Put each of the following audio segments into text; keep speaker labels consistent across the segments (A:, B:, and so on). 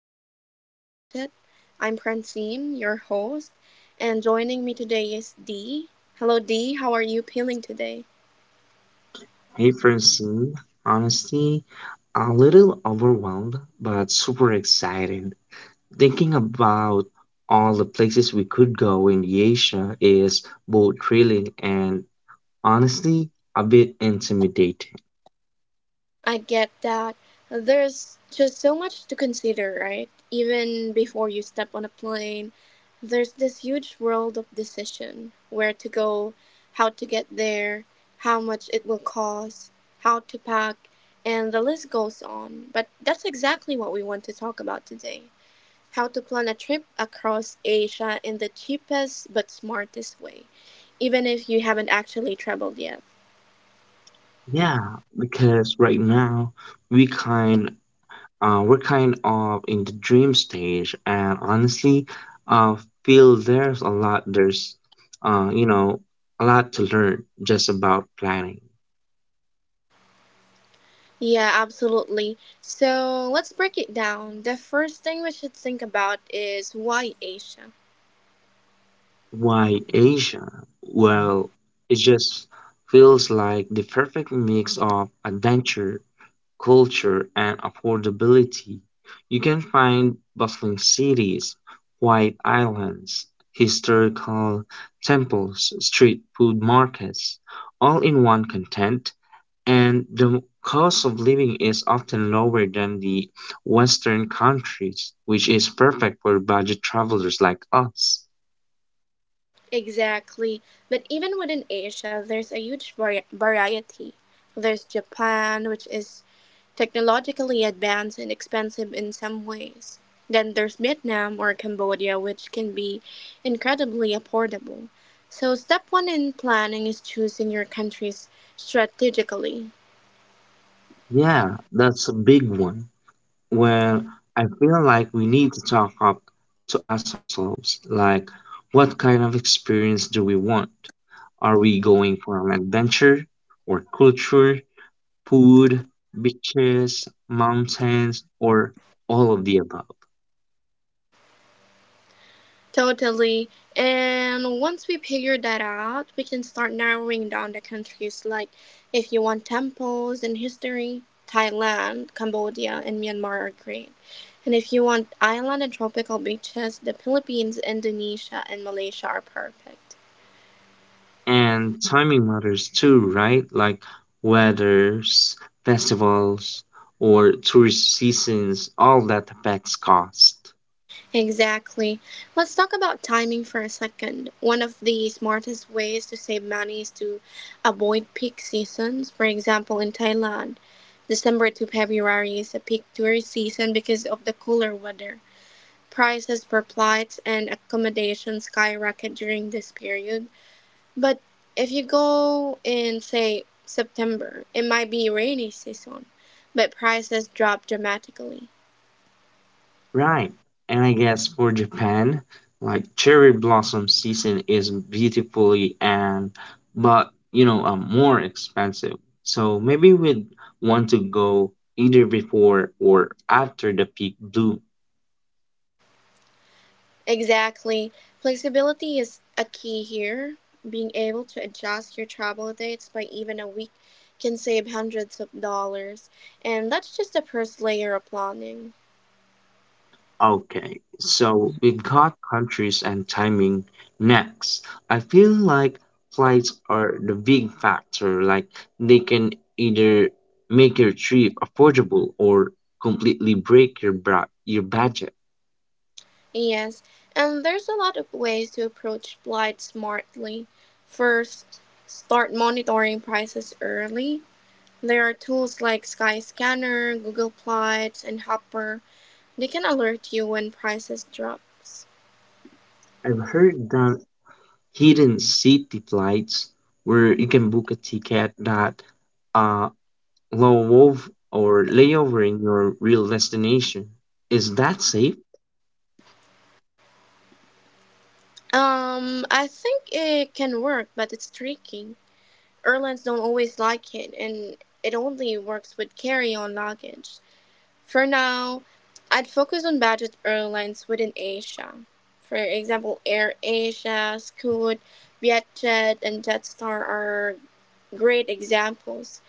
A: Asia on a budget. I'm Francine, your host, and joining me today is Dee. Hello Dee, how are you feeling today?
B: Hey, person, honestly, a little overwhelmed, but super excited. Thinking about all the places we could go in Asia is both thrilling and, honestly, a bit intimidating.
A: I get that. There's just so much to consider, right? Even before you step on a plane, there's this huge world of decision where to go, how to get there, how much it will cost, how to pack, and the list goes on. But that's exactly what we want to talk about today, how to plan a trip across Asia in the cheapest but smartest way, even if you haven't actually traveled yet.
B: Yeah, because right now we kind we're kind of in the dream stage, and honestly, uh, feel there's a lot there's you know a lot to learn just about planning.
A: Yeah, absolutely. So let's break it down. The first thing we should think about is why Asia?
B: Why Asia? Well, it just feels like the perfect mix of adventure, culture, and affordability. You can find bustling cities, quiet islands, historical temples, street food markets, all in one content, and the cost of living is often lower than the Western countries, which is perfect for budget travelers like us.
A: Exactly. But even within Asia, there's a huge variety. There's Japan, which is technologically advanced and expensive in some ways. Then there's Vietnam or Cambodia, which can be incredibly affordable. So, step one in planning is choosing your countries strategically.
B: Yeah, that's a big one. Well, I feel like we need to talk up to ask ourselves, like, what kind of experience do we want? Are we going for an adventure or culture, food, beaches, mountains, or all of the above?
A: Totally. And once we figure that out, we can start narrowing down the countries. Like, if you want temples and history, Thailand, Cambodia, and Myanmar are great. And if you want island and tropical beaches, the Philippines, Indonesia, and Malaysia are perfect.
B: And timing matters too, right? Like weathers, festivals, or tourist seasons, all that affects cost.
A: Exactly. Let's talk about timing for a second. One of the smartest ways to save money is to avoid peak seasons. For example, in Thailand, December to February is a peak tourist season because of the cooler weather. Prices for flights and accommodation skyrocket during this period. But if you go in, say, September, it might be rainy season, but prices drop dramatically.
B: Right. And I guess for Japan, like, cherry blossom season is beautifully and but you know more expensive. So maybe we'd want to go either before or after the peak bloom.
A: Exactly. Flexibility is a key here. Being able to adjust your travel dates by even a week can save hundreds of dollars. And that's just the first layer of planning.
B: Okay, so we've got countries and timing next. I feel like flights are the big factor. Like, they can either make your trip affordable or completely break your your budget.
A: Yes, and there's a lot of ways to approach flights smartly. First, start monitoring prices early. There are tools like Skyscanner, Google Flights, and Hopper. They can alert you when prices drops.
B: I've heard that hidden city flights, where you can book a ticket that uh, love or layover in your real destination. Is that safe?
A: I think it can work, but it's tricky. Airlines don't always like it, and it only works with carry-on luggage. For now, I'd focus on budget airlines within Asia. For example, Air Asia, Scoot, Vietjet, and Jetstar are great examples.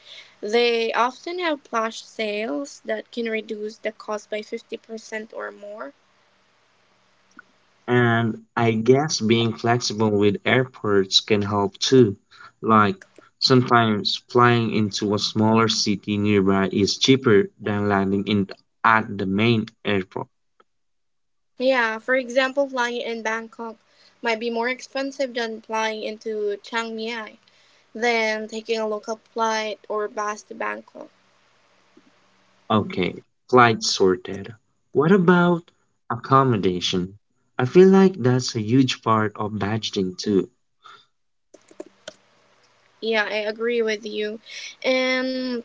A: They often have plush sales that can reduce the cost by 50% or more.
B: And I guess being flexible with airports can help too. Like, sometimes flying into a smaller city nearby is cheaper than landing in at the main airport.
A: Yeah, for example, flying in Bangkok might be more expensive than flying into Chiang Mai than taking a local flight or bus to Bangkok.
B: Okay, flight sorted. What about accommodation? I feel like that's a huge part of budgeting too.
A: Yeah, I agree with you. And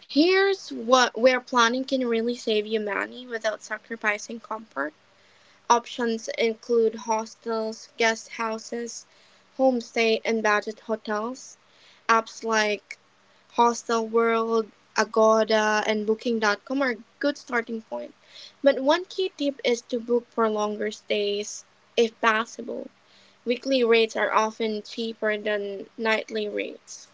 A: here's what where planning can really save you money without sacrificing comfort. Options include hostels, guest houses, homestay, and budget hotels. Apps like Hostelworld, Agoda, and Booking.com are good starting point. But one key tip is to book for longer stays if possible. Weekly rates are often cheaper than nightly rates.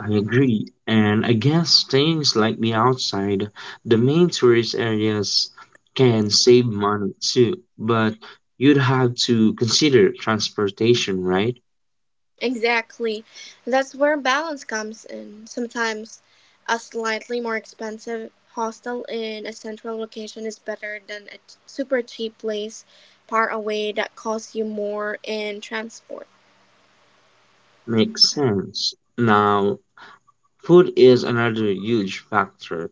B: I agree. And I guess staying slightly outside the main tourist areas can save money too, but you'd have to consider transportation, right?
A: Exactly. That's where balance comes in. Sometimes a slightly more expensive hostel in a central location is better than a super cheap place far away that costs you more in transport.
B: Makes sense. Now, food is another huge factor.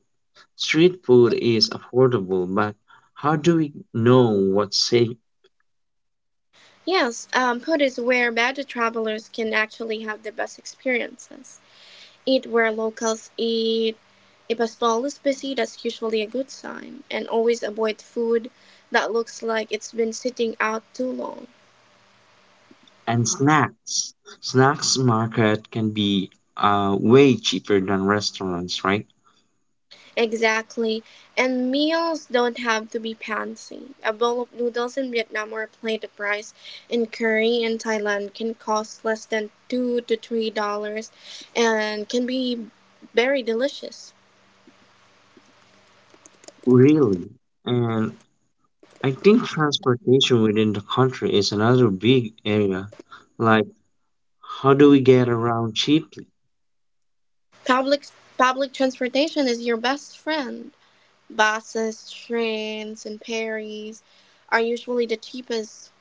B: Street food is affordable, but how do we know what's safe?
A: Yes, Put is where budget travelers can actually have the best experiences. Eat where locals eat. If a stall is busy, that's usually a good sign. And always avoid food that looks like it's been sitting out too long.
B: And snacks. Snacks market can be way cheaper than restaurants, right?
A: Exactly. And meals don't have to be fancy. A bowl of noodles in Vietnam or a plate of rice and curry in Thailand can cost less than $2 to $3 and can be very delicious.
B: Really. And I think transportation within the country is another big area. Like, how do we get around cheaply?
A: Public public transportation is your best friend. Buses, trains, and ferries are usually the cheapest.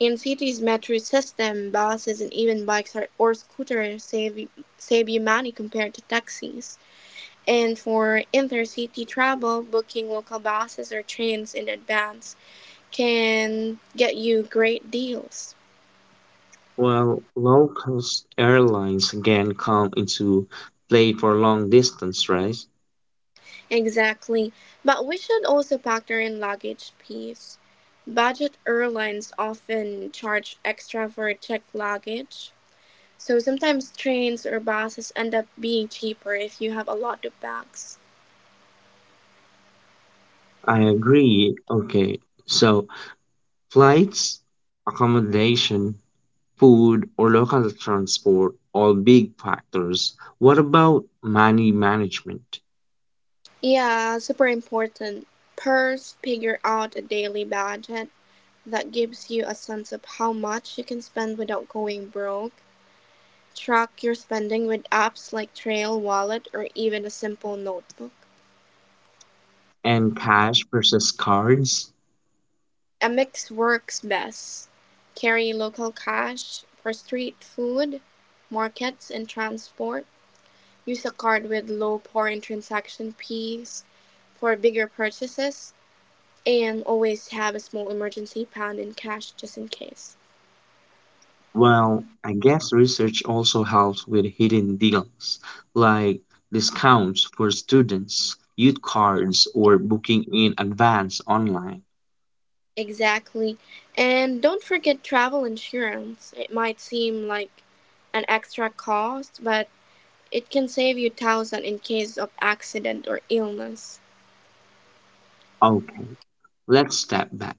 A: In cities' metro system, buses and even bikes are, or scooters save you money compared to taxis. And for intercity travel, booking local buses or trains in advance can get you great deals.
B: Well, low cost airlines again come into play for long distance, right?
A: Exactly. But we should also factor in luggage fees. Budget airlines often charge extra for checked luggage. So sometimes trains or buses end up being cheaper if you have a lot of bags.
B: I agree. Okay, so flights, accommodation, food or local transport, all big factors. What about money management
A: Yeah, super important. First, figure out a daily budget that gives you a sense of how much you can spend without going broke. Track your spending with apps like Trail Wallet or even a simple notebook.
B: and cash versus cards?
A: A mix works best. Carry local cash for street food, markets, and transport. Use a card with low foreign transaction fees for bigger purchases, and always have a small emergency fund in cash just in case.
B: Well, I guess research also helps with hidden deals, like discounts for students, youth cards, or booking in advance online.
A: Exactly. And don't forget travel insurance. It might seem like an extra cost, but it can save you thousands in case of accident or illness.
B: Okay, let's step back.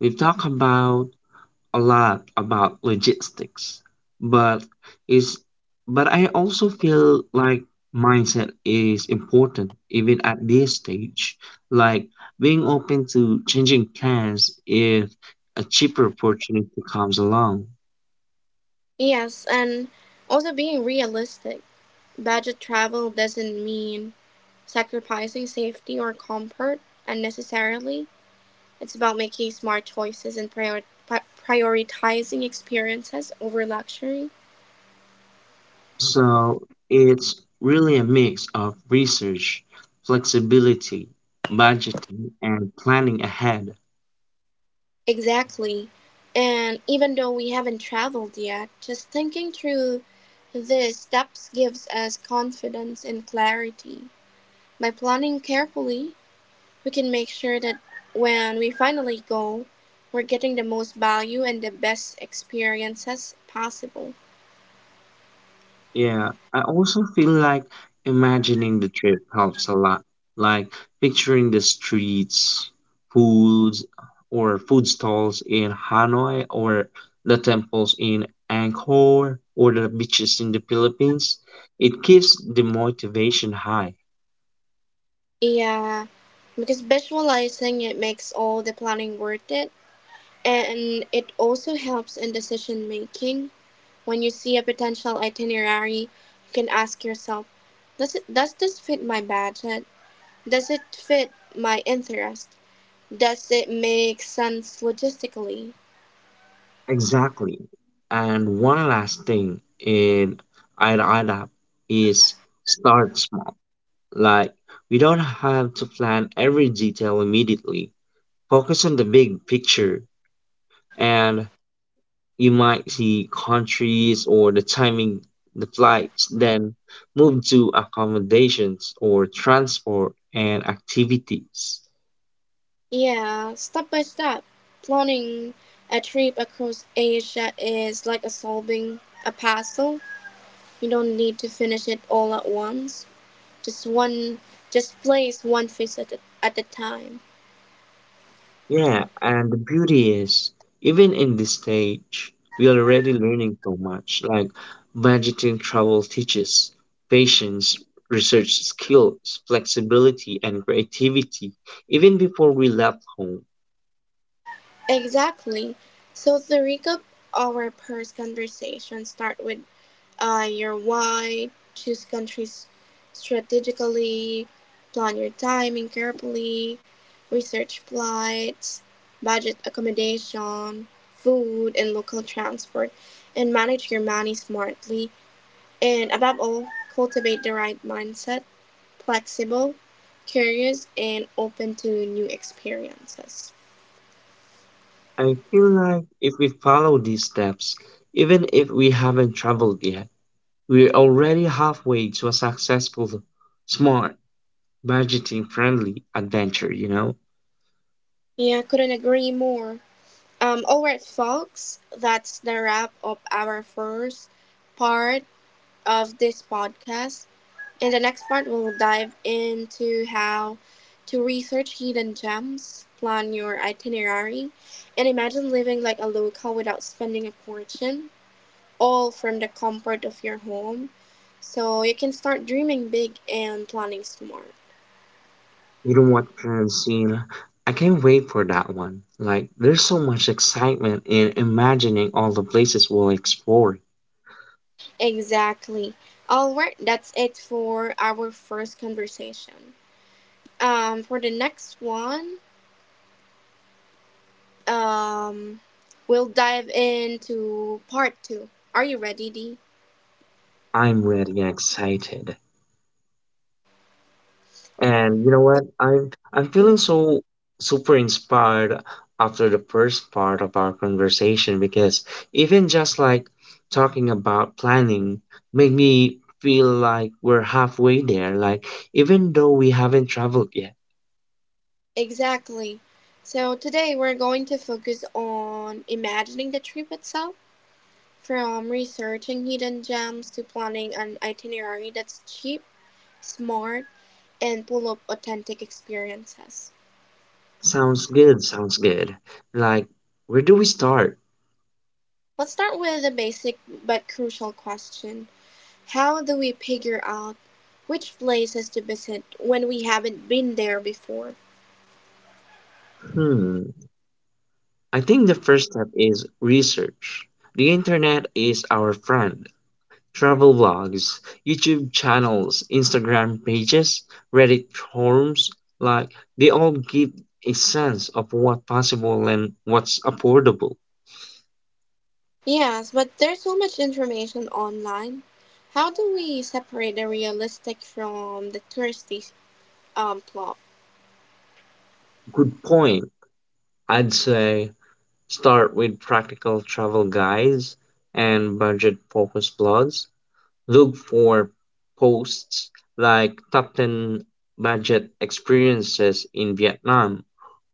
B: We've talked about a lot about logistics, but is but I also feel like mindset is important even at this stage, like being open to changing plans if a cheaper opportunity comes along.
A: Yes, and also being realistic. Budget travel doesn't mean sacrificing safety or comfort unnecessarily. It's about making smart choices and prioritizing experiences over luxury.
B: So it's really a mix of research, flexibility, budgeting, and planning ahead.
A: Exactly. And even though we haven't traveled yet, just thinking through these steps gives us confidence and clarity. By planning carefully, we can make sure that when we finally go, we're getting the most value and the best experiences possible.
B: Yeah, I also feel like imagining the trip helps a lot. Like picturing the streets, foods, or food stalls in Hanoi, or the temples in Angkor, or the beaches in the Philippines. It keeps the motivation high.
A: Yeah, because visualizing it makes all the planning worth it, and it also helps in decision making. When you see a potential itinerary, you can ask yourself, does this fit my budget? Does it fit my interest? Does it make sense logistically?
B: Exactly. And one last thing in Ayutthaya is, start small. Like, we don't have to plan every detail immediately. Focus on the big picture, and you might see countries or the timing, the flights, then move to accommodations or transport and activities.
A: Yeah, step by step, planning a trip across Asia is like a solving a puzzle. You don't need to finish it all at once. Just one just plays one fish at at a time.
B: Yeah, and the beauty is, even in this stage, we're already learning so much, like budgeting travel teaches patience, research skills, flexibility, and creativity, even before we left home.
A: Exactly. So to recap our first conversation, start with your why, choose countries strategically, plan your timing carefully, research flights, budget accommodation, food and local transport, and manage your money smartly. And above all, cultivate the right mindset, flexible, curious, and open to new experiences.
B: I feel like if we follow these steps, even if we haven't traveled yet, we're already halfway to a successful, smart, budgeting friendly adventure, you know?
A: Yeah, couldn't agree more. All right, folks, that's the wrap of our first part of this podcast. In the next part, we'll dive into how to research hidden gems, plan your itinerary, and imagine living like a local without spending a fortune, all from the comfort of your home. So you can start dreaming big and planning smart.
B: You don't want parents seeing. I can't wait for that one. Like, there's so much excitement in imagining all the places we'll explore.
A: Exactly. Alright, that's it for our first conversation. For the next one, um, we'll dive into part two. Are you ready, Dee?
B: I'm really excited. And you know what? I'm feeling
A: Mhm.
B: so super inspired after the first part of our conversation, because even just like talking about planning made me feel like we're halfway there, like, even though we haven't traveled yet.
A: Exactly. So today we're going to focus on imagining the trip itself, from researching hidden gems to planning an itinerary that's cheap, smart, and full of authentic experiences.
B: Sounds good, sounds good. Like, where do we start?
A: Let's start with a basic but crucial question. How do we figure out which places to visit when we haven't been there before?
B: Hmm. I think the first step is research. The internet is our friend. Travel vlogs, YouTube channels, Instagram pages, Reddit forums, like, they all give a sense of what's possible and what's affordable.
A: Yes, but there's so much information online. How do we separate the realistic from the touristy plot?
B: Good point. I'd say start with practical travel guides and budget focused blogs. Look for posts like top 10 budget experiences in Vietnam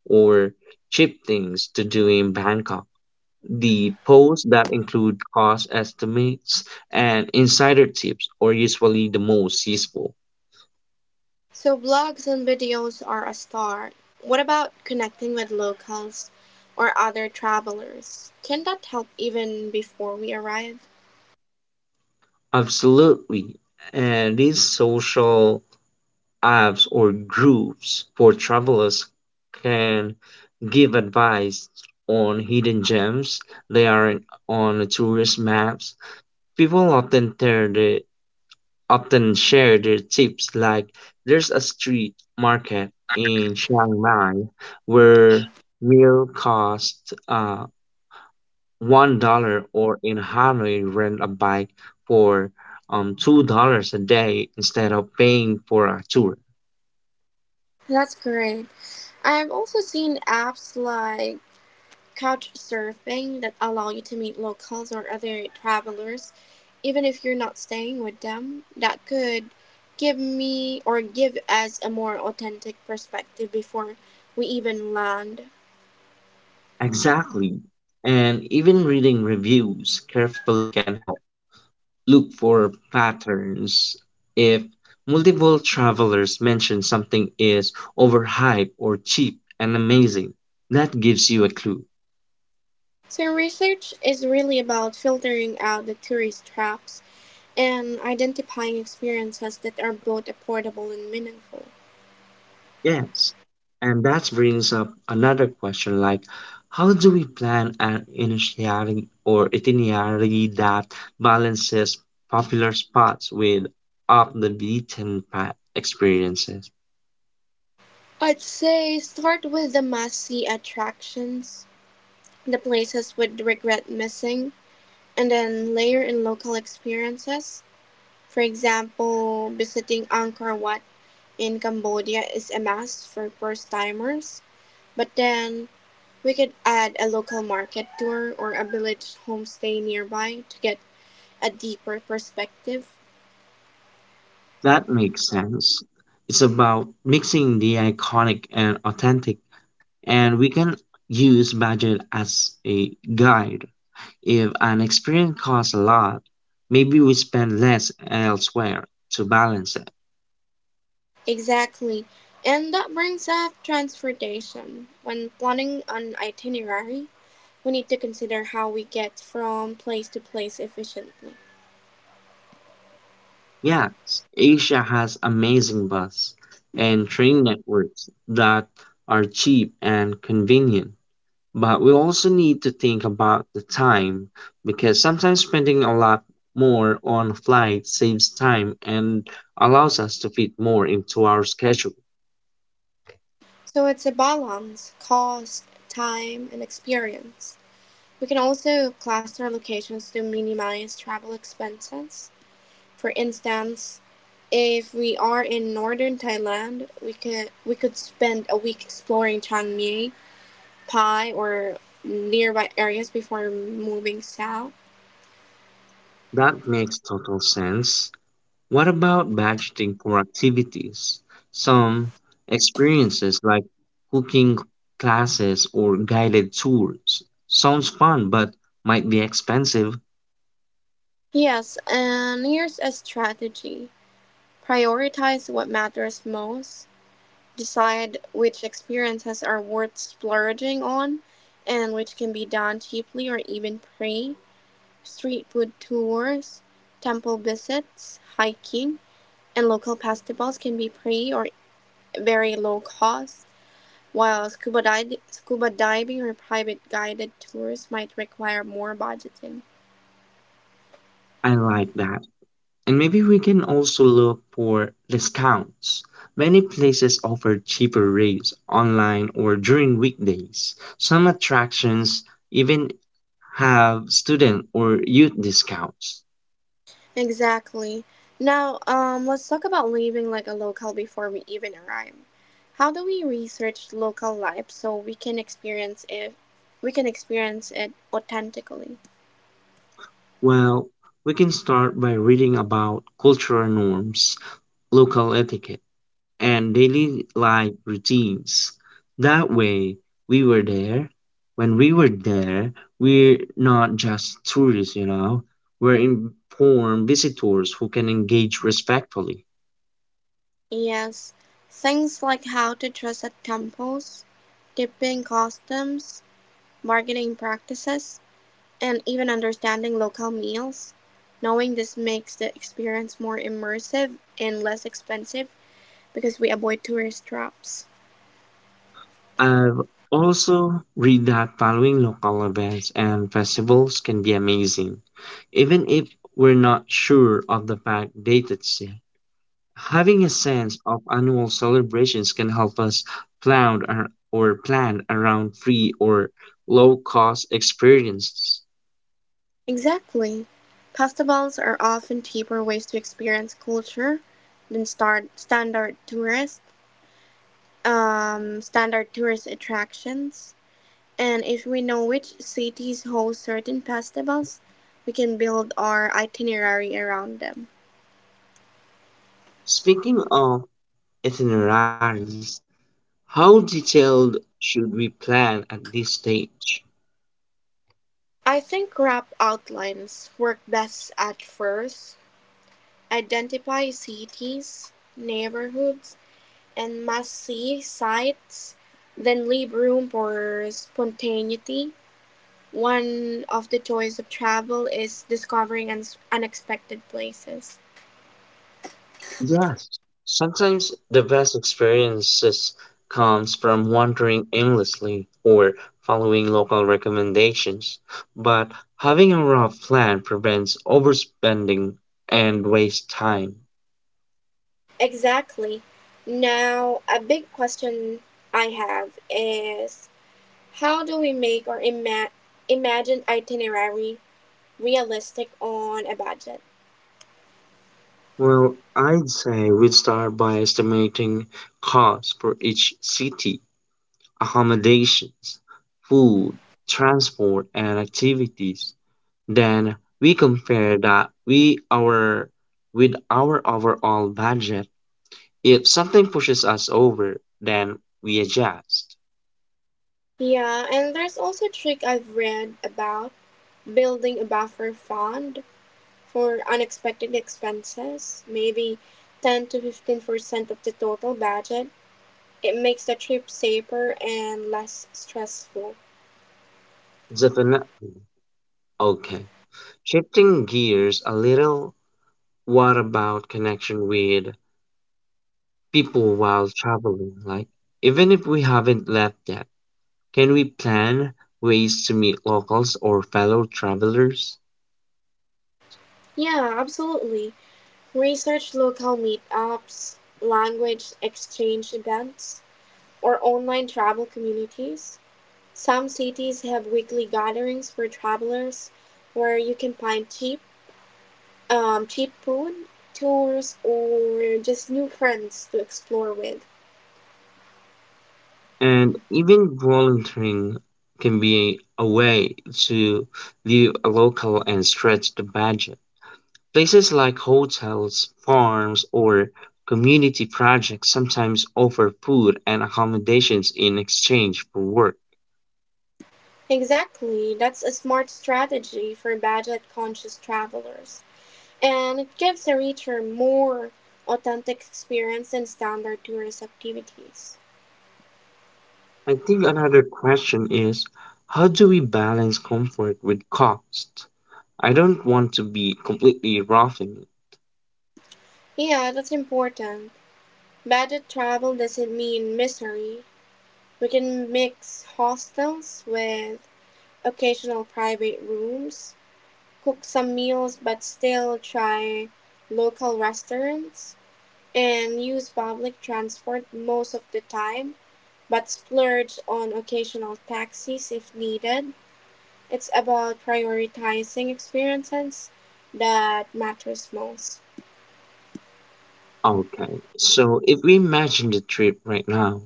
B: or cheap things to do in Bangkok. The posts that include cost estimates and insider tips are usually the most useful.
A: So, blogs and videos are a start. What about connecting with locals or other travelers? Can that help even before we arrive?
B: Absolutely. And these social apps or groups for travelers can give advice on hidden gems. They are on tourist maps. People often tear the often share their tips, like there's a street market in Chiang Mai where meal cost $1, or in Hanoi rent a bike for $2 a day instead of paying for a tour.
A: That's great. I've also seen apps like couchsurfing that allow you to meet locals or other travelers, even if you're not staying with them. That could give me or give us a more authentic perspective before we even land.
B: Exactly. And even reading reviews carefully can help. Look for patterns. If multiple travelers mention something is overhyped or cheap and amazing, that gives you a clue.
A: So, research is really about filtering out the tourist traps and identifying experiences that are both affordable and meaningful.
B: Yes. And that brings up another question, like, how do we plan an initiating or itinerary that balances popular spots with off the beaten path experiences?
A: I'd say start with the must see attractions, the places we'd regret missing, and then layer in local experiences. For example, visiting Angkor Wat in Cambodia is a must for first timers, but then we could add a local market tour or a village homestay nearby to get a deeper perspective.
B: That makes sense. It's about mixing the iconic and authentic, and we can use budget as a guide. If an experience costs a lot, maybe we spend less elsewhere to balance it.
A: Exactly. And that brings up transportation. When planning an itinerary, we need to consider how we get from place to place efficiently.
B: Yes, Asia has amazing bus and train networks that are cheap and convenient. But we also need to think about the time, because sometimes spending a lot more on flights saves time and allows us to fit more into our schedule.
A: So it's a balance, cost, time, and experience. We can also cluster locations to minimize travel expenses. For instance, if we are in northern Thailand, we could spend a week exploring Chiang Mai, Pai, or nearby areas before moving south.
B: That makes total sense. What about budgeting for activities? Some experiences like cooking classes or guided tours sounds fun but might be expensive.
A: Yes, and here's a strategy: prioritize what matters most. Decide which experiences are worth splurging on and which can be done cheaply or even free. Street food tours, temple visits, hiking, and local festivals can be free or very low cost, while scuba diving or private guided tours might require more budgeting.
B: I like that. And maybe we can also look for discounts. Many places offer cheaper rates online or during weekdays. Some attractions even have student or youth discounts.
A: Exactly. Now, let's talk about leaving like a locale before we even arrive. How do we research local life so we can experience it? We can experience it authentically.
B: Well, we can start by reading about cultural norms, local etiquette, and daily life routines. That way, we were there. when we were there, we're not just tourists. We're informed visitors who can engage respectfully.
A: Yes, things like how to dress at temples, tipping customs, marketing practices, and even understanding local meals. Knowing this makes the experience more immersive and less expensive because we avoid tourist traps.
B: I've also read that following local events and festivals can be amazing, even if we're not sure of the fact dates yet. Having a sense of annual celebrations can help us plan ar- or plan around free or low cost experiences.
A: Exactly. Festivals are often cheaper ways to experience culture than start standard tourist attractions. And if we know which cities host certain festivals, we can build our itinerary around them.
B: Speaking of itineraries, how detailed should we plan at this stage?
A: I think rough outlines work best at first. Identify cities, neighborhoods, and must see sites, then leave room for spontaneity. One of the joys of travel is discovering unexpected places.
B: Yes. Sometimes the best experiences comes from wandering aimlessly or following local recommendations, but having a rough plan prevents overspending and waste time.
A: Exactly. Now, a big question I have is how do we make our imagined itinerary realistic on a budget?
B: Well, I'd say we'd start by estimating costs for each city, accommodations, food, transport, and activities. Then we compare that we our with our overall budget. If something pushes us over, then we adjust.
A: Yeah, and there's also a trick I've read about building a buffer fund for unexpected expenses, maybe 10 to 15% of the total budget. It makes the trip safer and less stressful.
B: Definitely. Okay. Shifting gears a little, what about connection with people while traveling? Like, even if we haven't left yet, can we plan ways to meet locals or fellow travelers?
A: Yeah, absolutely. Research local meetups, language exchange events, or online travel communities. Some cities have weekly gatherings for travelers where you can find cheap food, tours, or just new friends to explore with.
B: And even volunteering can be a way to live local and stretch the budget. Places like hotels, farms, or community projects sometimes offer food and accommodations in exchange for work.
A: Exactly, that's a smart strategy for budget conscious travelers. And it gives the reader more authentic experience than standard tourist activities.
B: I think another question is, how do we balance comfort with cost? I don't want to be completely roughing it.
A: Yeah, that's important. Budget travel doesn't mean misery. We can mix hostels with occasional private rooms, cook some meals but still try local restaurants, and use public transport most of the time but splurge on occasional taxis if needed. It's about prioritizing experiences that matters most.
B: Okay, so if we imagine the trip right now,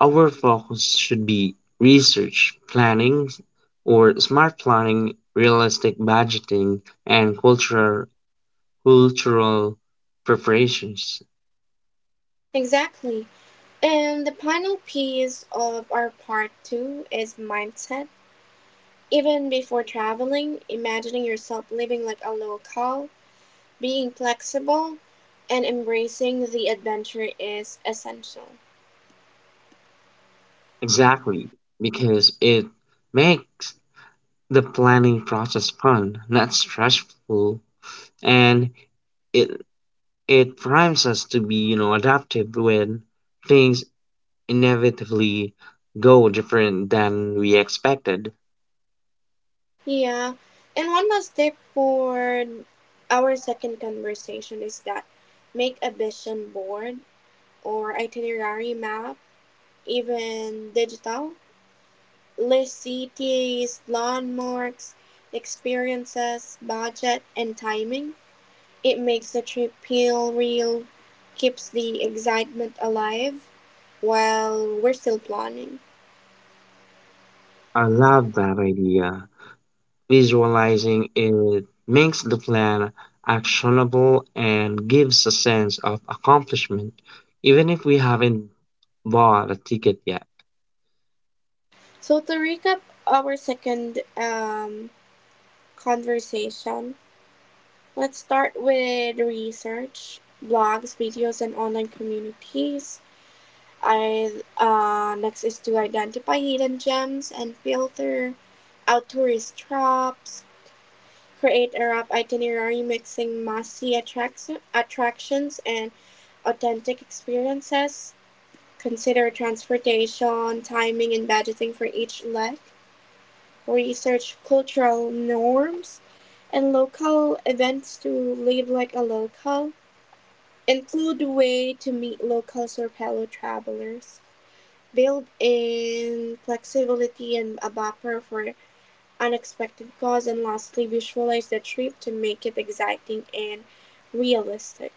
B: our focus should be research, planning, or smart planning, realistic budgeting, and cultural preparations.
A: Exactly. And the final piece of our part 2 is mindset. Even before traveling, imagining yourself living like a local, being flexible, and embracing the adventure is essential.
B: Exactly, because it makes the planning process fun, not stressful, and it it primes us to be adaptive when things inevitably go different than we expected.
A: Yeah. And one last tip for our second conversation is that make a vision board or itinerary map, even digital. List cities, landmarks, experiences, budget, and timing. It makes the trip feel real, keeps the excitement alive while we're still planning.
B: I love that idea. Visualizing it makes the plan actionable and gives a sense of accomplishment, even if we haven't bought a ticket yet.
A: So, to recap our second conversation, let's start with research, blogs, videos, and online communities. I Next is to identify hidden gems and filter out tourist traps, create a rough itinerary mixing attractions and authentic experiences, consider transportation, timing, and budgeting for each leg, research cultural norms and local events to live like a local, include a way to meet locals or fellow travelers. Build-in flexibility and a buffer for unexpected costs, and lastly, visualize the trip to make it exciting and realistic.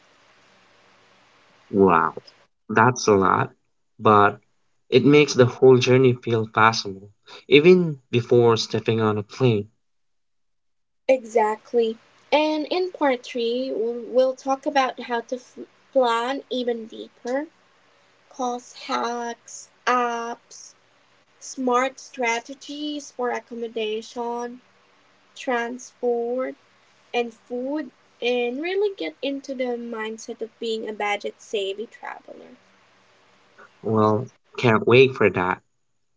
B: Wow, that's a lot, but it makes the whole journey feel possible, even before stepping on a plane.
A: Exactly. And in part three, will talk about plan even deeper, cost hacks, apps, smart strategies for accommodation, transport, and food, and really get into the mindset of being a budget savvy traveler.
B: Well, can't wait for that.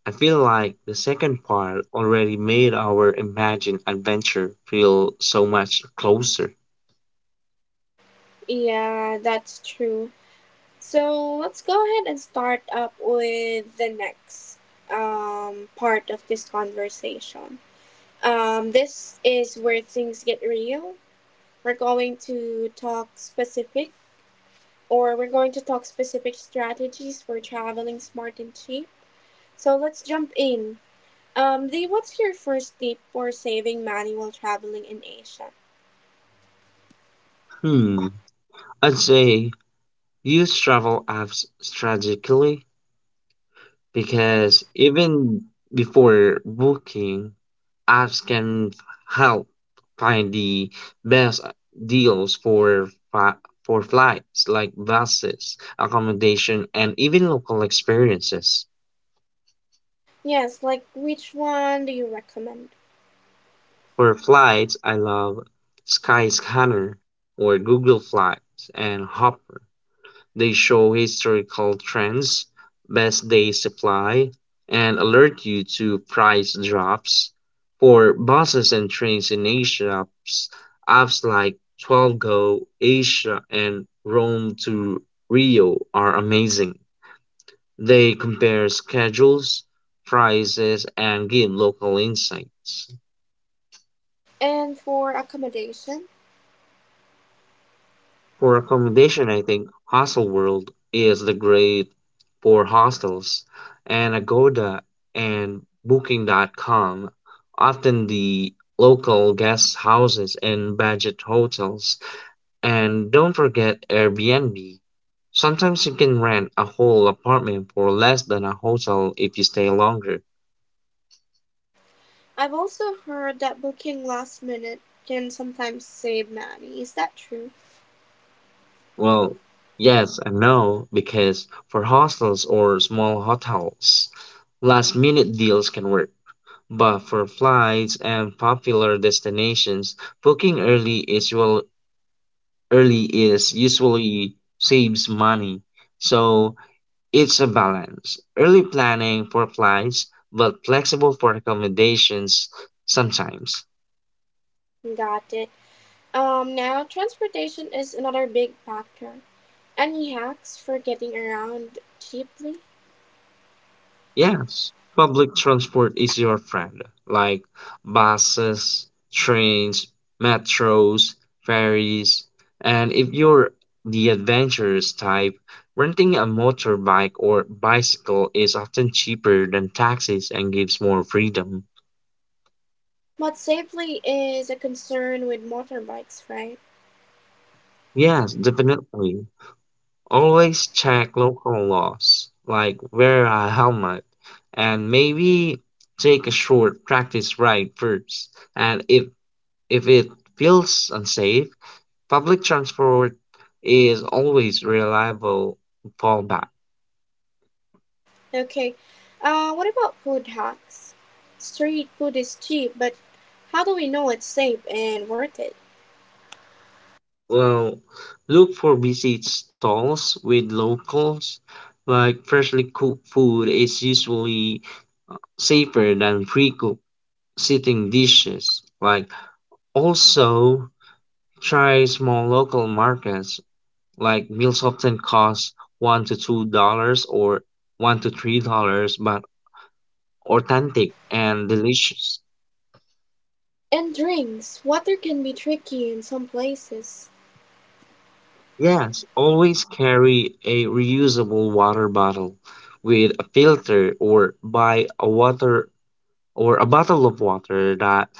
B: I feel like the second part already made our imagined adventure feel so much closer.
A: Yeah, that's true. So let's go ahead and start up with the next part of this conversation. This is where things get real. We're going to talk specific, we're going to talk specific strategies for traveling smart and cheap. So let's jump in. Dee, what's your first tip for saving money while traveling in Asia?
B: Hmm, I'd say use travel apps strategically, because even before booking, apps can help find the best deals for flights, like buses, accommodation, and even local experiences.
A: Yes, like which one do you recommend?
B: For flights, I love Skyscanner or Google Flights and Hopper. They show historical trends, best day supply, and alert you to price drops. For buses and trains in Asia, apps like 12Go, Asia, and Rome to Rio are amazing. They compare schedules, prices, and give local insights.
A: And for accommodation?
B: For accommodation, I think Hostelworld is the great for hostels, and Agoda and Booking.com. Often the local guest houses and budget hotels. And don't forget Airbnb. Sometimes you can rent a whole apartment for less than a hotel if you stay longer.
A: I've also heard that booking last minute can sometimes save money. Is that true?
B: Well, yes and no, because for hostels or small hotels, last minute deals can work. But for flights and popular destinations, booking early is well, early is usually saves money. So it's a balance. Early planning for flights, but flexible for accommodations sometimes.
A: Got it. Now transportation is another big factor. Any hacks for getting around cheaply?
B: Yes, public transport is your friend, like buses, trains, metros, ferries, and if you're the adventurous type, renting a motorbike or bicycle is often cheaper than taxis and gives more freedom.
A: But safely is a concern with motorbikes, right?
B: Yes, definitely. Always check local laws, like wear a helmet and maybe take a short practice ride first. And if it feels unsafe, public transport is always reliable fallback.
A: Okay. What about food hacks? Street food is cheap, but how do we know it's safe and worth it?
B: Well, look for busy stalls with locals, like freshly cooked food is usually safer than pre-cooked sitting dishes. Like also try small local markets, like meals often cost $1 to $2 or $1 to $3, but authentic and delicious.
A: And drinks. Water can be tricky in some places.
B: Yes, always carry a reusable water bottle with a filter or buy a water or a bottle of water that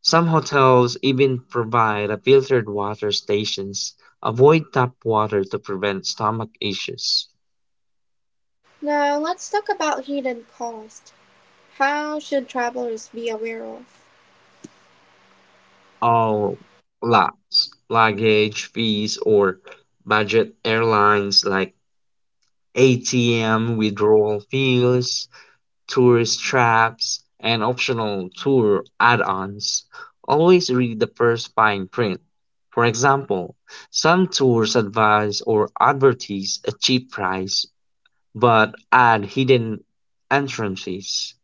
B: some hotels even provide a filtered water stations. Avoid tap water to prevent stomach issues.
A: Now let's talk about hidden costs. How should travelers be aware of?
B: All lots, luggage fees or budget airlines like ATM withdrawal fees tourist traps, and optional tour add ons, always read the first fine print. For example, some tours advise or advertise a cheap price but add hidden entrance fees.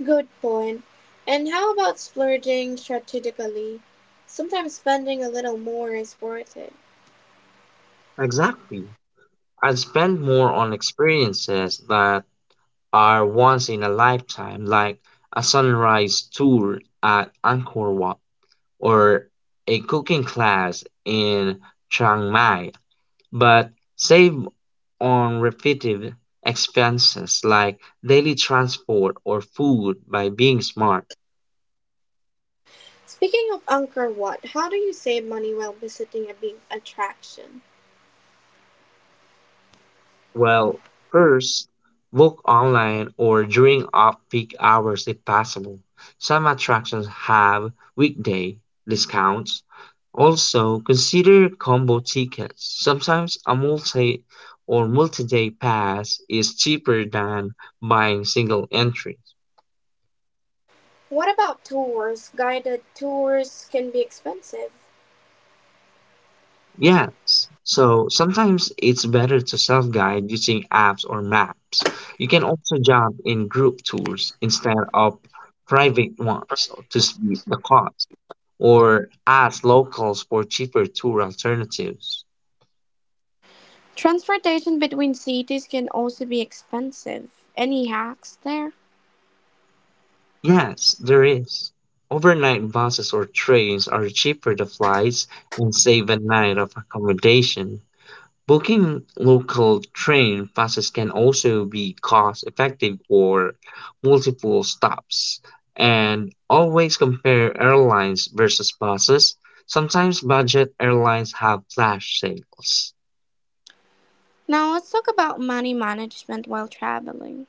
A: Good point. And how about splurging strategically? Sometimes spending a little more is worth it.
B: Exactly. I'd spend more on experiences that are once in a lifetime, like a sunrise tour at Angkor Wat or a cooking class in Chiang Mai, but save on repetitive expenses like daily transport or food by being smart.
A: Speaking of Angkor Wat, how do you save money while visiting a big attraction?
B: Well, first, book online or during off-peak hours if possible. Some attractions have weekday discounts. Also, consider combo tickets. Sometimes a multi or multi-day pass is cheaper than buying single entries.
A: What about tours? Guided tours can be expensive.
B: Yes. So sometimes it's better to self guide using apps or maps. You can also jump in group tours instead of private ones to split the cost or ask locals for cheaper tour alternatives.
A: Transportation between cities can also be expensive. Any hacks there?
B: Yes, there is. Overnight buses or trains are cheaper than flights and save a night of accommodation. Booking local train passes can also be cost effective or multiple stops and always compare airlines versus buses. Sometimes budget airlines have flash sales.
A: Now let's talk about money management while traveling.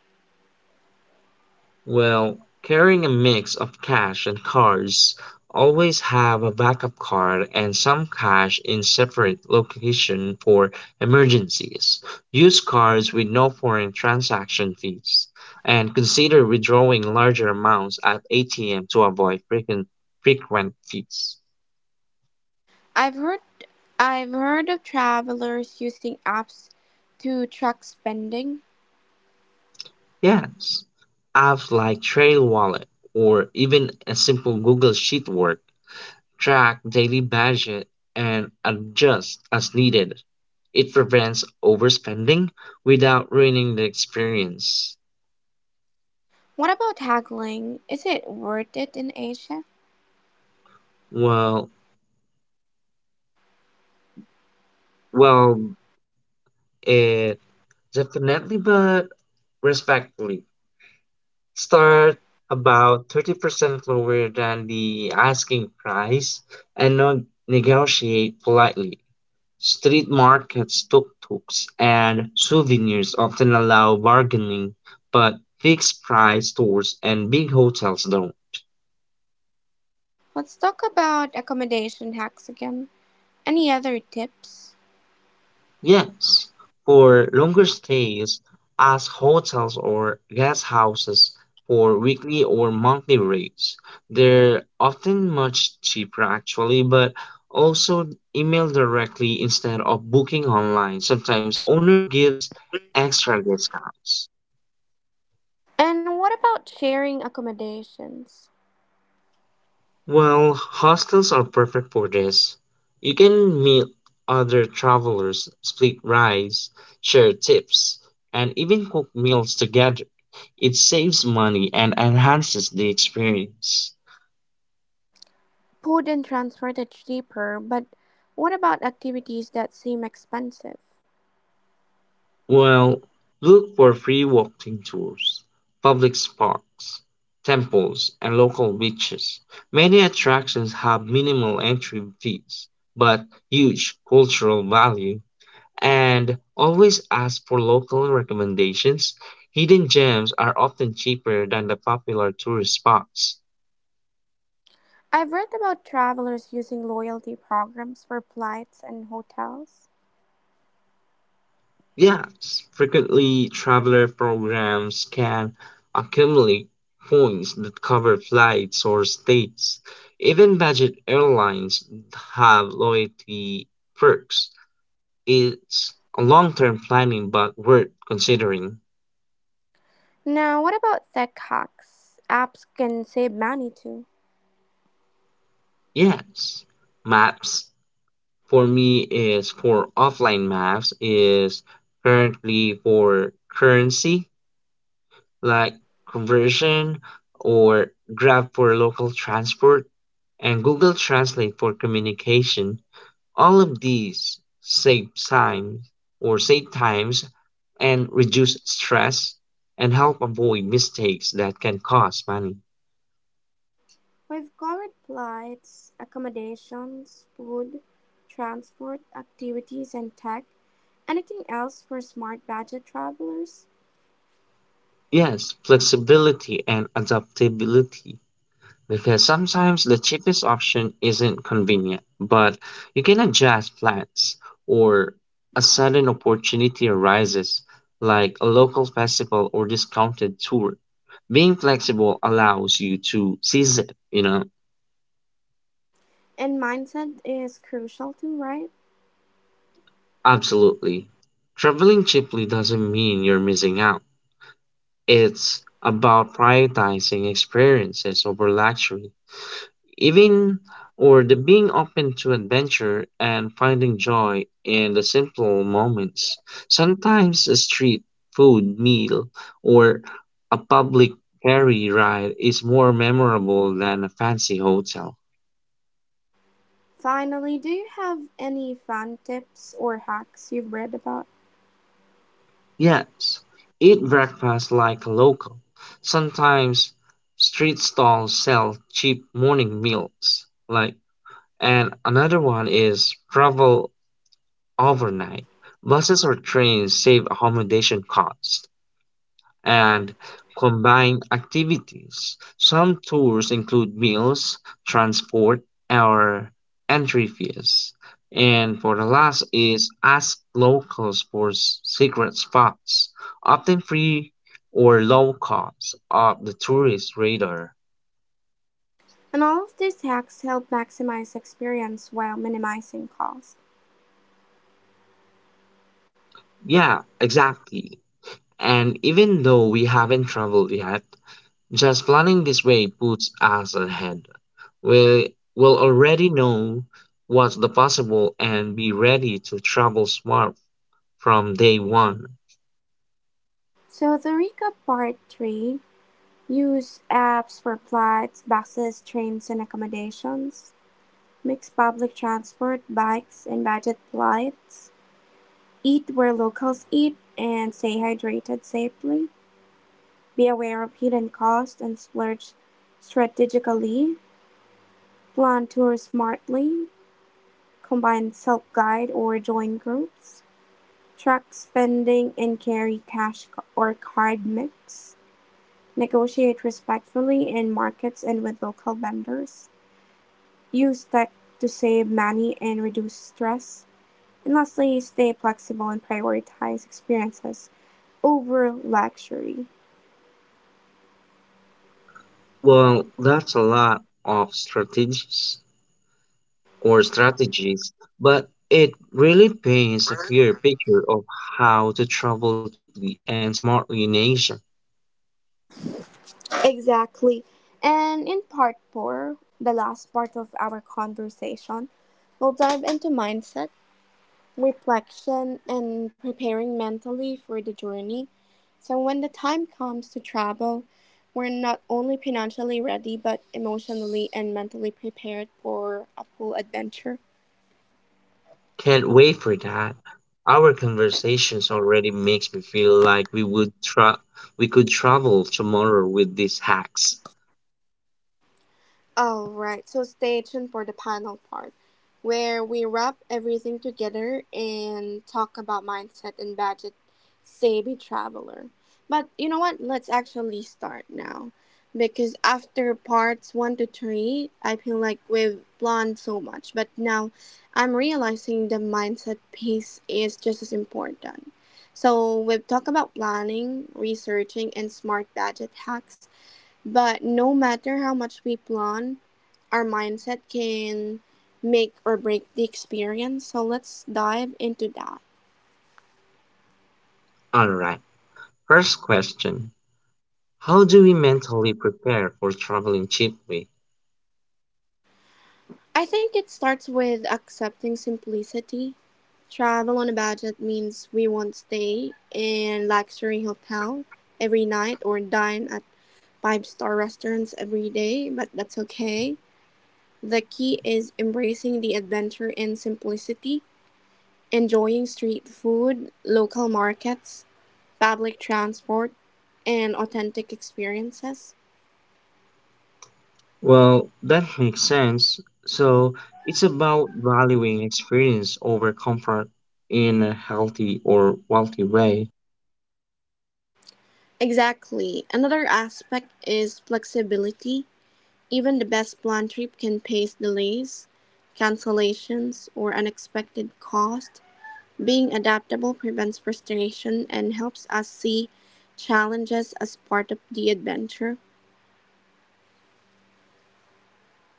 B: Well, carrying a mix of cash and cards, always have a backup card and some cash in separate location for emergencies. Use cards with no foreign transaction fees and consider withdrawing larger amounts at ATM to avoid frequent fees.
A: I've heard I've heard of travelers using apps to track spending.
B: Yes, apps like Trail Wallet or even a simple Google Sheet work track daily budget and adjust as needed. It prevents overspending without ruining the experience.
A: What about haggling? Is it worth it in Asia?
B: Well, well, it definitely, but respectfully, start about 30% lower than the asking price and not negotiate politely. Street markets, tuk-tuks, and souvenirs often allow bargaining, but fixed-price stores and big hotels don't.
A: Let's talk about accommodation hacks again. Any other tips?
B: Yes, for longer stays, ask hotels or guest houses for weekly or monthly rates. They're often much cheaper actually, but also email directly instead of booking online. Sometimes owner gives extra discounts.
A: And what about sharing accommodations?
B: Well, hostels are perfect for this. You can meet other travelers, split rides, share tips, and even cook meals together. It saves money and enhances the experience.
A: Food and transport are cheaper, but what about activities that seem expensive?
B: Well, look for free walking tours, public parks, temples, and local beaches. Many attractions have minimal entry fees, but huge cultural value, and always ask for local recommendations. Hidden gems are often cheaper than the popular tourist spots.
A: I've read about travelers using loyalty programs for flights and hotels.
B: Yes, frequently traveler programs can accumulate points that cover flights or stays. Even budget airlines have loyalty perks. It's a long-term planning but worth considering.
A: Now, what about tech hacks? Apps can save money too.
B: Yes, maps for me is for offline maps is currently for currency like conversion or Grab for local transport and Google Translate for communication. All of these save time or save times and reduce stress and help avoid mistakes that can cost money.
A: We've covered flights, accommodations, food, transport, activities, and tech. Anything else for smart budget travelers?
B: Yes, flexibility and adaptability because sometimes the cheapest option isn't convenient, but you can adjust plans or a sudden opportunity arises, like a local festival or discounted tour. Being flexible allows you to seize it, you know?
A: And mindset is crucial too, right?
B: Absolutely. Traveling cheaply doesn't mean you're missing out. It's about prioritizing experiences over luxury, even or the being open to adventure and finding joy in the simple moments. Sometimes a street food meal or a public ferry ride is more memorable than a fancy hotel.
A: Finally, do you have any fun tips or hacks you've read about?
B: Yes, eat breakfast like a local. Sometimes street stalls sell cheap morning meals. Like and another one is travel overnight. Buses or trains save accommodation costs and combine activities. Some tours include meals, transport, or entry fees. And for the last is ask locals for secret spots, often free or low cost, of the tourist radar.
A: And all of these hacks help maximize experience while minimizing cost.
B: Yeah, exactly. And even though we haven't traveled yet, just planning this way puts us ahead. We will already know what's the possible and be ready to travel smart from day one.
A: So, the recap part 3. Use apps for flights, buses, trains and accommodations. Mix public transport, bikes, and budget flights. Eat where locals eat and stay hydrated safely. Be aware of hidden costs and splurge strategically. Plan tours smartly. Combine self guide or join groups. Track spending and carry cash or card mix. Negotiate respectfully in markets and with local vendors. Use tech to save money and reduce stress. And lastly, stay flexible and prioritize experiences over luxury.
B: Well, that's a lot of strategies or strategies, but it really paints a clear picture of how to travel cheaply and smartly in Asia.
A: Exactly. And in part four, the last part of our conversation, we'll dive into mindset, reflection, and preparing mentally for the journey. So when the time comes to travel, we're not only financially ready but emotionally and mentally prepared for a full adventure.
B: Can't wait for that. Our conversations already makes me feel like we could travel tomorrow with these hacks.
A: All right, so stay tuned for the panel part where we wrap everything together and talk about mindset and budget savvy traveler. But you know what? Let's actually start now because after parts 1 to 3, I feel like we've planned so much, but now I'm realizing the mindset piece is just as important. So we've talked about planning, researching, and smart budget hacks. But no matter how much we plan, our mindset can make or break the experience. So let's dive into that.
B: All right. First question. How do we mentally prepare for traveling cheaply?
A: I think it starts with accepting simplicity. Travel on a budget means we won't stay in luxury hotel every night or dine at five-star restaurants every day, but that's okay. The key is embracing the adventure in simplicity, enjoying street food, local markets, public transport, and authentic experiences.
B: Well, that makes sense. So it's about valuing experience over comfort in a healthy or wealthy way.
A: Exactly. Another aspect is flexibility. Even the best planned trip can face delays, cancellations, or unexpected costs. Being adaptable prevents frustration and helps us see challenges as part of the adventure.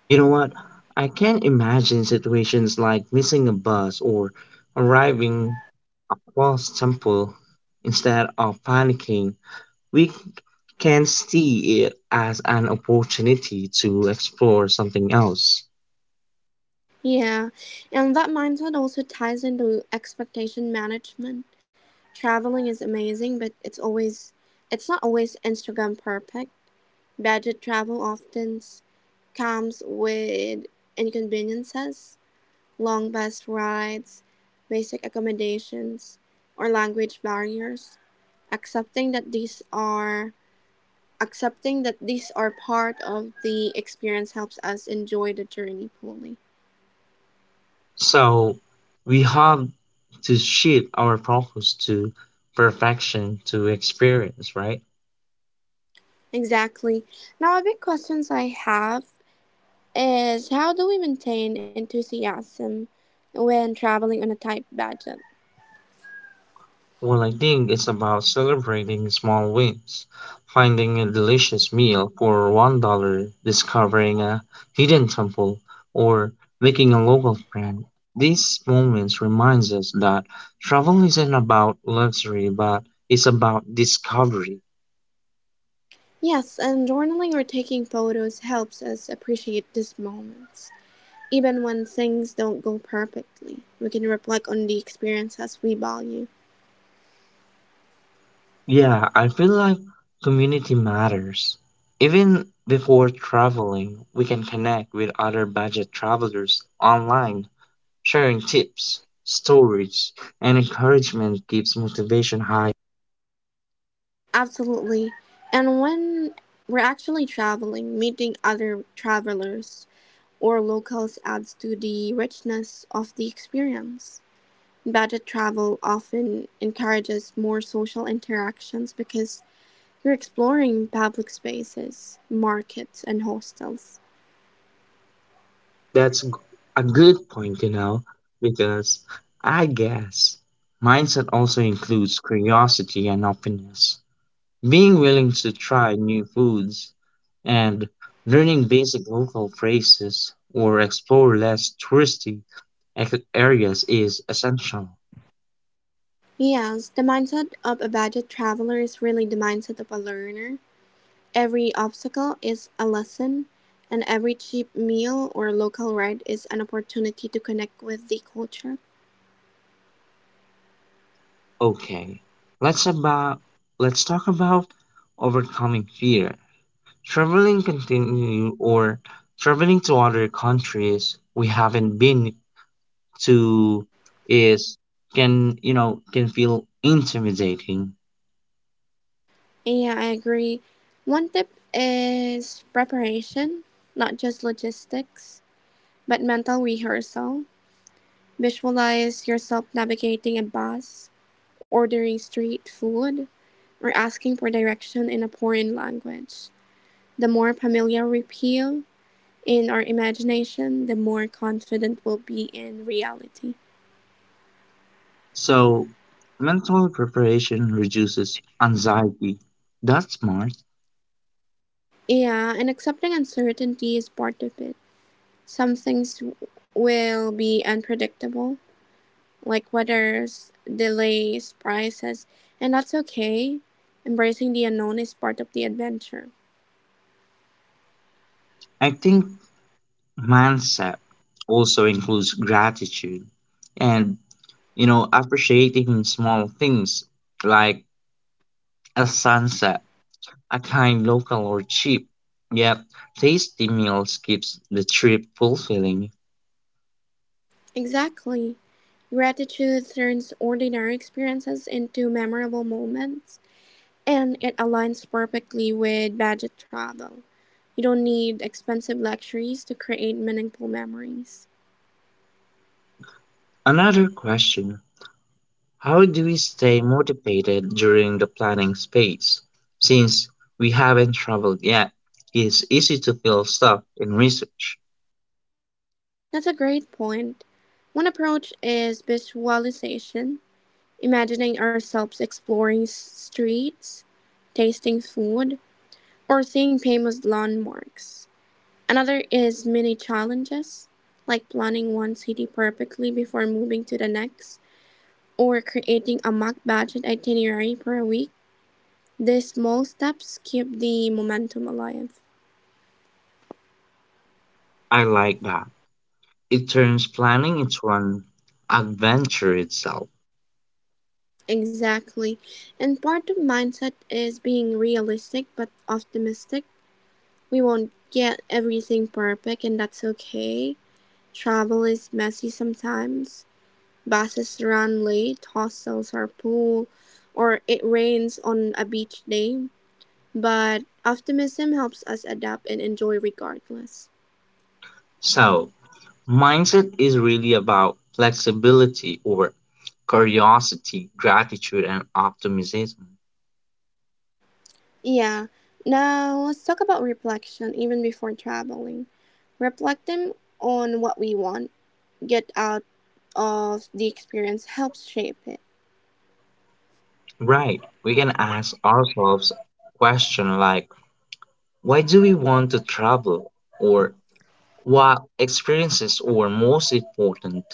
B: You know what? I can imagine situations like missing a bus or arriving a false temple instead of panicking. We can see it as an opportunity to explore something else.
A: Yeah, and that mindset also ties into expectation management. Traveling is amazing, but it's not always Instagram perfect. Budget travel often comes with inconveniences, long bus rides, basic accommodations, or language barriers. Accepting that these are Accepting that these are part of the experience helps us enjoy the journey fully.
B: So we have to shift our focus to perfection to experience, right?
A: Exactly. Now, a big questions I have is how do we maintain enthusiasm when traveling on a tight budget?
B: Well, I think it's about celebrating small wins, finding a delicious meal for $1, discovering a hidden temple, or making a local friend. These moments reminds us that travel isn't about luxury, but it's about discovery.
A: Yes, and journaling or taking photos helps us appreciate these moments. Even when things don't go perfectly, we can reflect on the experiences we value.
B: Yeah, I feel like community matters. Even before traveling, we can connect with other budget travelers online, sharing tips, stories, and encouragement keeps motivation high.
A: Absolutely. And when we're actually traveling, meeting other travelers or locals adds to the richness of the experience. Budget travel often encourages more social interactions because you're exploring public spaces, markets, and hostels.
B: That's g- a good point, you know, because I guess mindset also includes curiosity and openness. Being willing to try new foods and learning basic local phrases or explore less touristy areas is essential.
A: Yes, the mindset of a budget traveler is really the mindset of a learner. Every obstacle is a lesson, and every cheap meal or local ride is an opportunity to connect with the culture.
B: Okay, let's about let's talk about overcoming fear. Traveling continue or traveling to other countries we haven't been to is, can you know, can feel intimidating.
A: And yeah, I agree. One tip is preparation, not just logistics, but mental rehearsal. Visualize yourself navigating a bus, ordering street food, or asking for direction in a foreign language. The more familiar we feel in our imagination, the more confident we'll be in reality.
B: So, mental preparation reduces anxiety. That's smart.
A: Yeah, and accepting uncertainty is part of it. Some things w- will be unpredictable, like weathers, delays, prices, and that's okay. Embracing the unknown is part of the adventure.
B: I think mindset also includes gratitude and, you know, appreciating small things like a sunset, a kind local or cheap, yet tasty meals keeps the trip fulfilling.
A: Exactly. Gratitude turns ordinary experiences into memorable moments, and it aligns perfectly with budget travel. You don't need expensive luxuries to create meaningful memories.
B: Another question. How do we stay motivated during the planning phase? Since we haven't traveled yet, it's easy to feel stuck in research.
A: That's a great point. One approach is visualization, imagining ourselves streets, tasting food, or seeing famous landmarks. Another is mini challenges, like planning one city perfectly before moving to the next, or creating a mock budget itinerary for a week. These small steps keep the momentum alive.
B: I like that. It turns planning into an adventure itself.
A: Exactly. And part of mindset is being realistic but optimistic. We won't get everything perfect and that's okay. Travel is messy sometimes. Buses run late, hostels are full, or it rains on a beach day. But optimism helps us adapt and enjoy regardless.
B: So, mindset is really about flexibility or curiosity, gratitude, and optimism.
A: Yeah. Now let's talk about reflection even before traveling. Reflecting on what we want, get out of the experience helps shape it.
B: Right. We can ask ourselves questions like, why do we want to travel? Or what experiences were most important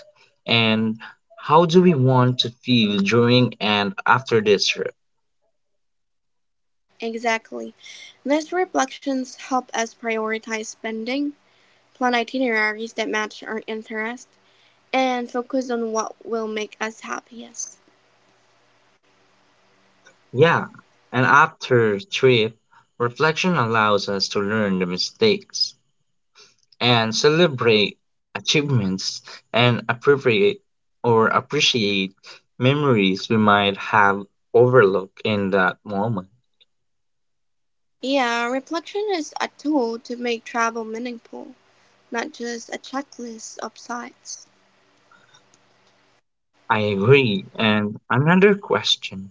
B: and how do we want to feel during and after this trip?
A: Exactly. These reflections help us prioritize spending, plan itineraries that match our interest, and focus on what will make us happiest.
B: Yeah, and after trip reflection allows us to learn the mistakes and celebrate achievements and appropriate or appreciate memories we might have overlooked in that moment.
A: Yeah, reflection is a tool to make travel meaningful, not just a checklist of sites.
B: I agree. And another question.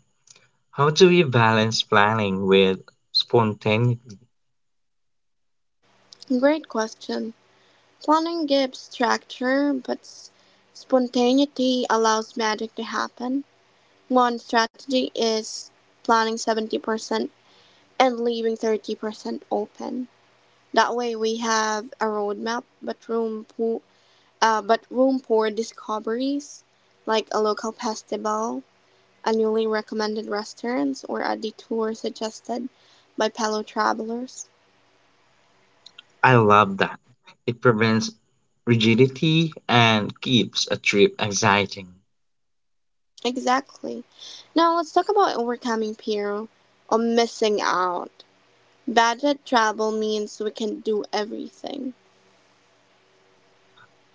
B: How do we balance planning with spontaneity?
A: Great question. Planning gives structure, but spontaneity allows magic to happen. One strategy is planning 70% and leaving 30% open. That way we have a roadmap, but but room for discoveries, like a local festival, a newly recommended restaurants, or a detour suggested by fellow travelers.
B: I love that. It prevents rigidity and keeps a trip exciting.
A: Exactly. Now let's talk about overcoming fear or missing out. Budget travel means we can do everything.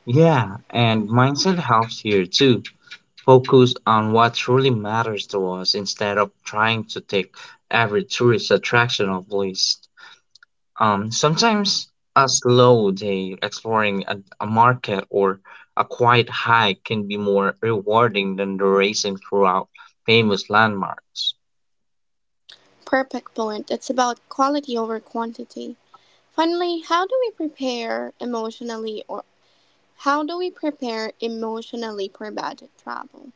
B: Yeah, and mindset helps here too. Focus on what truly matters to us instead of trying to tick every tourist attraction off the list. Sometimes a slow day exploring a market or a quiet hike can be more rewarding than the racing throughout famous landmarks.
A: Perfect point. It's about quality over quantity. Finally, how do we prepare emotionally or How do we prepare emotionally for budget travel?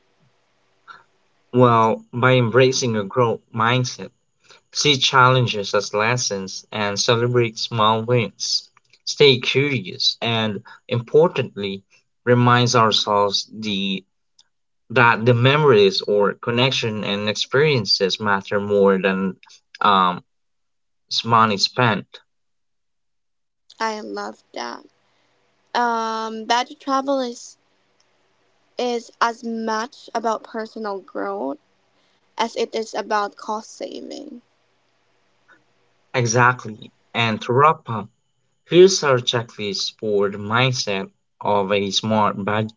B: Well, by embracing a growth mindset, see challenges as lessons and celebrate small wins. Stay curious and, importantly, reminds ourselves the that the memories or connection and experiences matter more than um, is money spent.
A: I love that. Budget travel is as much about personal growth as it is about cost saving.
B: Exactly. And to wrap up, here's our checklist for the mindset of a smart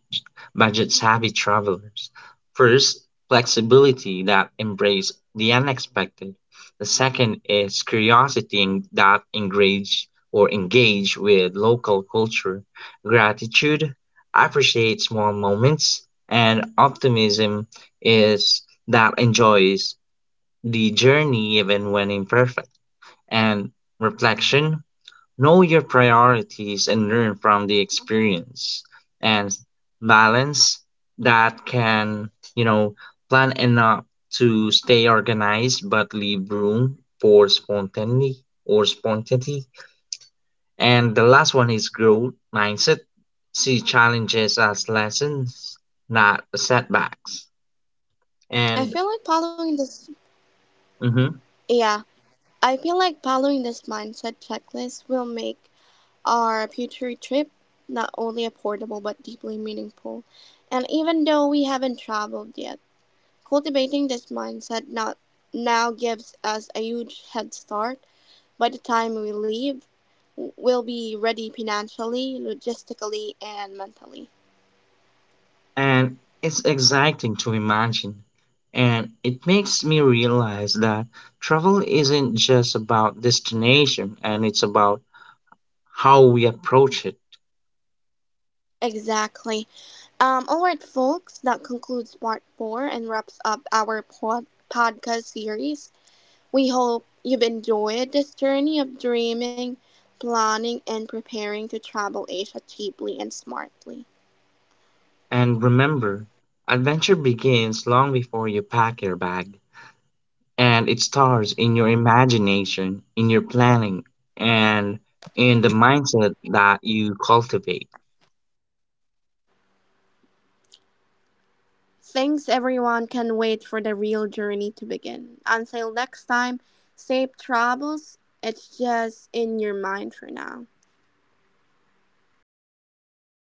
B: budget savvy travelers. First, flexibility that embrace the unexpected. The second is curiosity that engage with local culture. Gratitude, appreciate small moments, and optimism is that enjoys the journey even when imperfect. And reflection, know your priorities and learn from the experience, and balance that can, you know, plan enough to stay organized but leave room for spontaneity. And the last one is growth mindset. See challenges as lessons, not setbacks.
A: I
B: And
A: feel like following this.
B: mhm.
A: Yeah, I feel like following this mindset checklist will make our future trip not only affordable but deeply meaningful. And even though we haven't traveled yet, cultivating this mindset not now gives us a huge head start. By the time we leave, we'll be ready financially, logistically, and mentally.
B: And it's exciting to imagine. And it makes me realize that travel isn't just about destination and it's about how we approach it.
A: Exactly. All right, folks, that concludes part four and wraps up our podcast series. We hope you've enjoyed this journey of dreaming, planning, and preparing to travel Asia cheaply and smartly.
B: And remember, adventure begins long before you pack your bag, and it starts in your imagination, in your planning, and in the mindset that you cultivate.
A: Thanks, everyone. Can wait for the real journey to begin. Until next time, safe travels. It's just in your mind for now.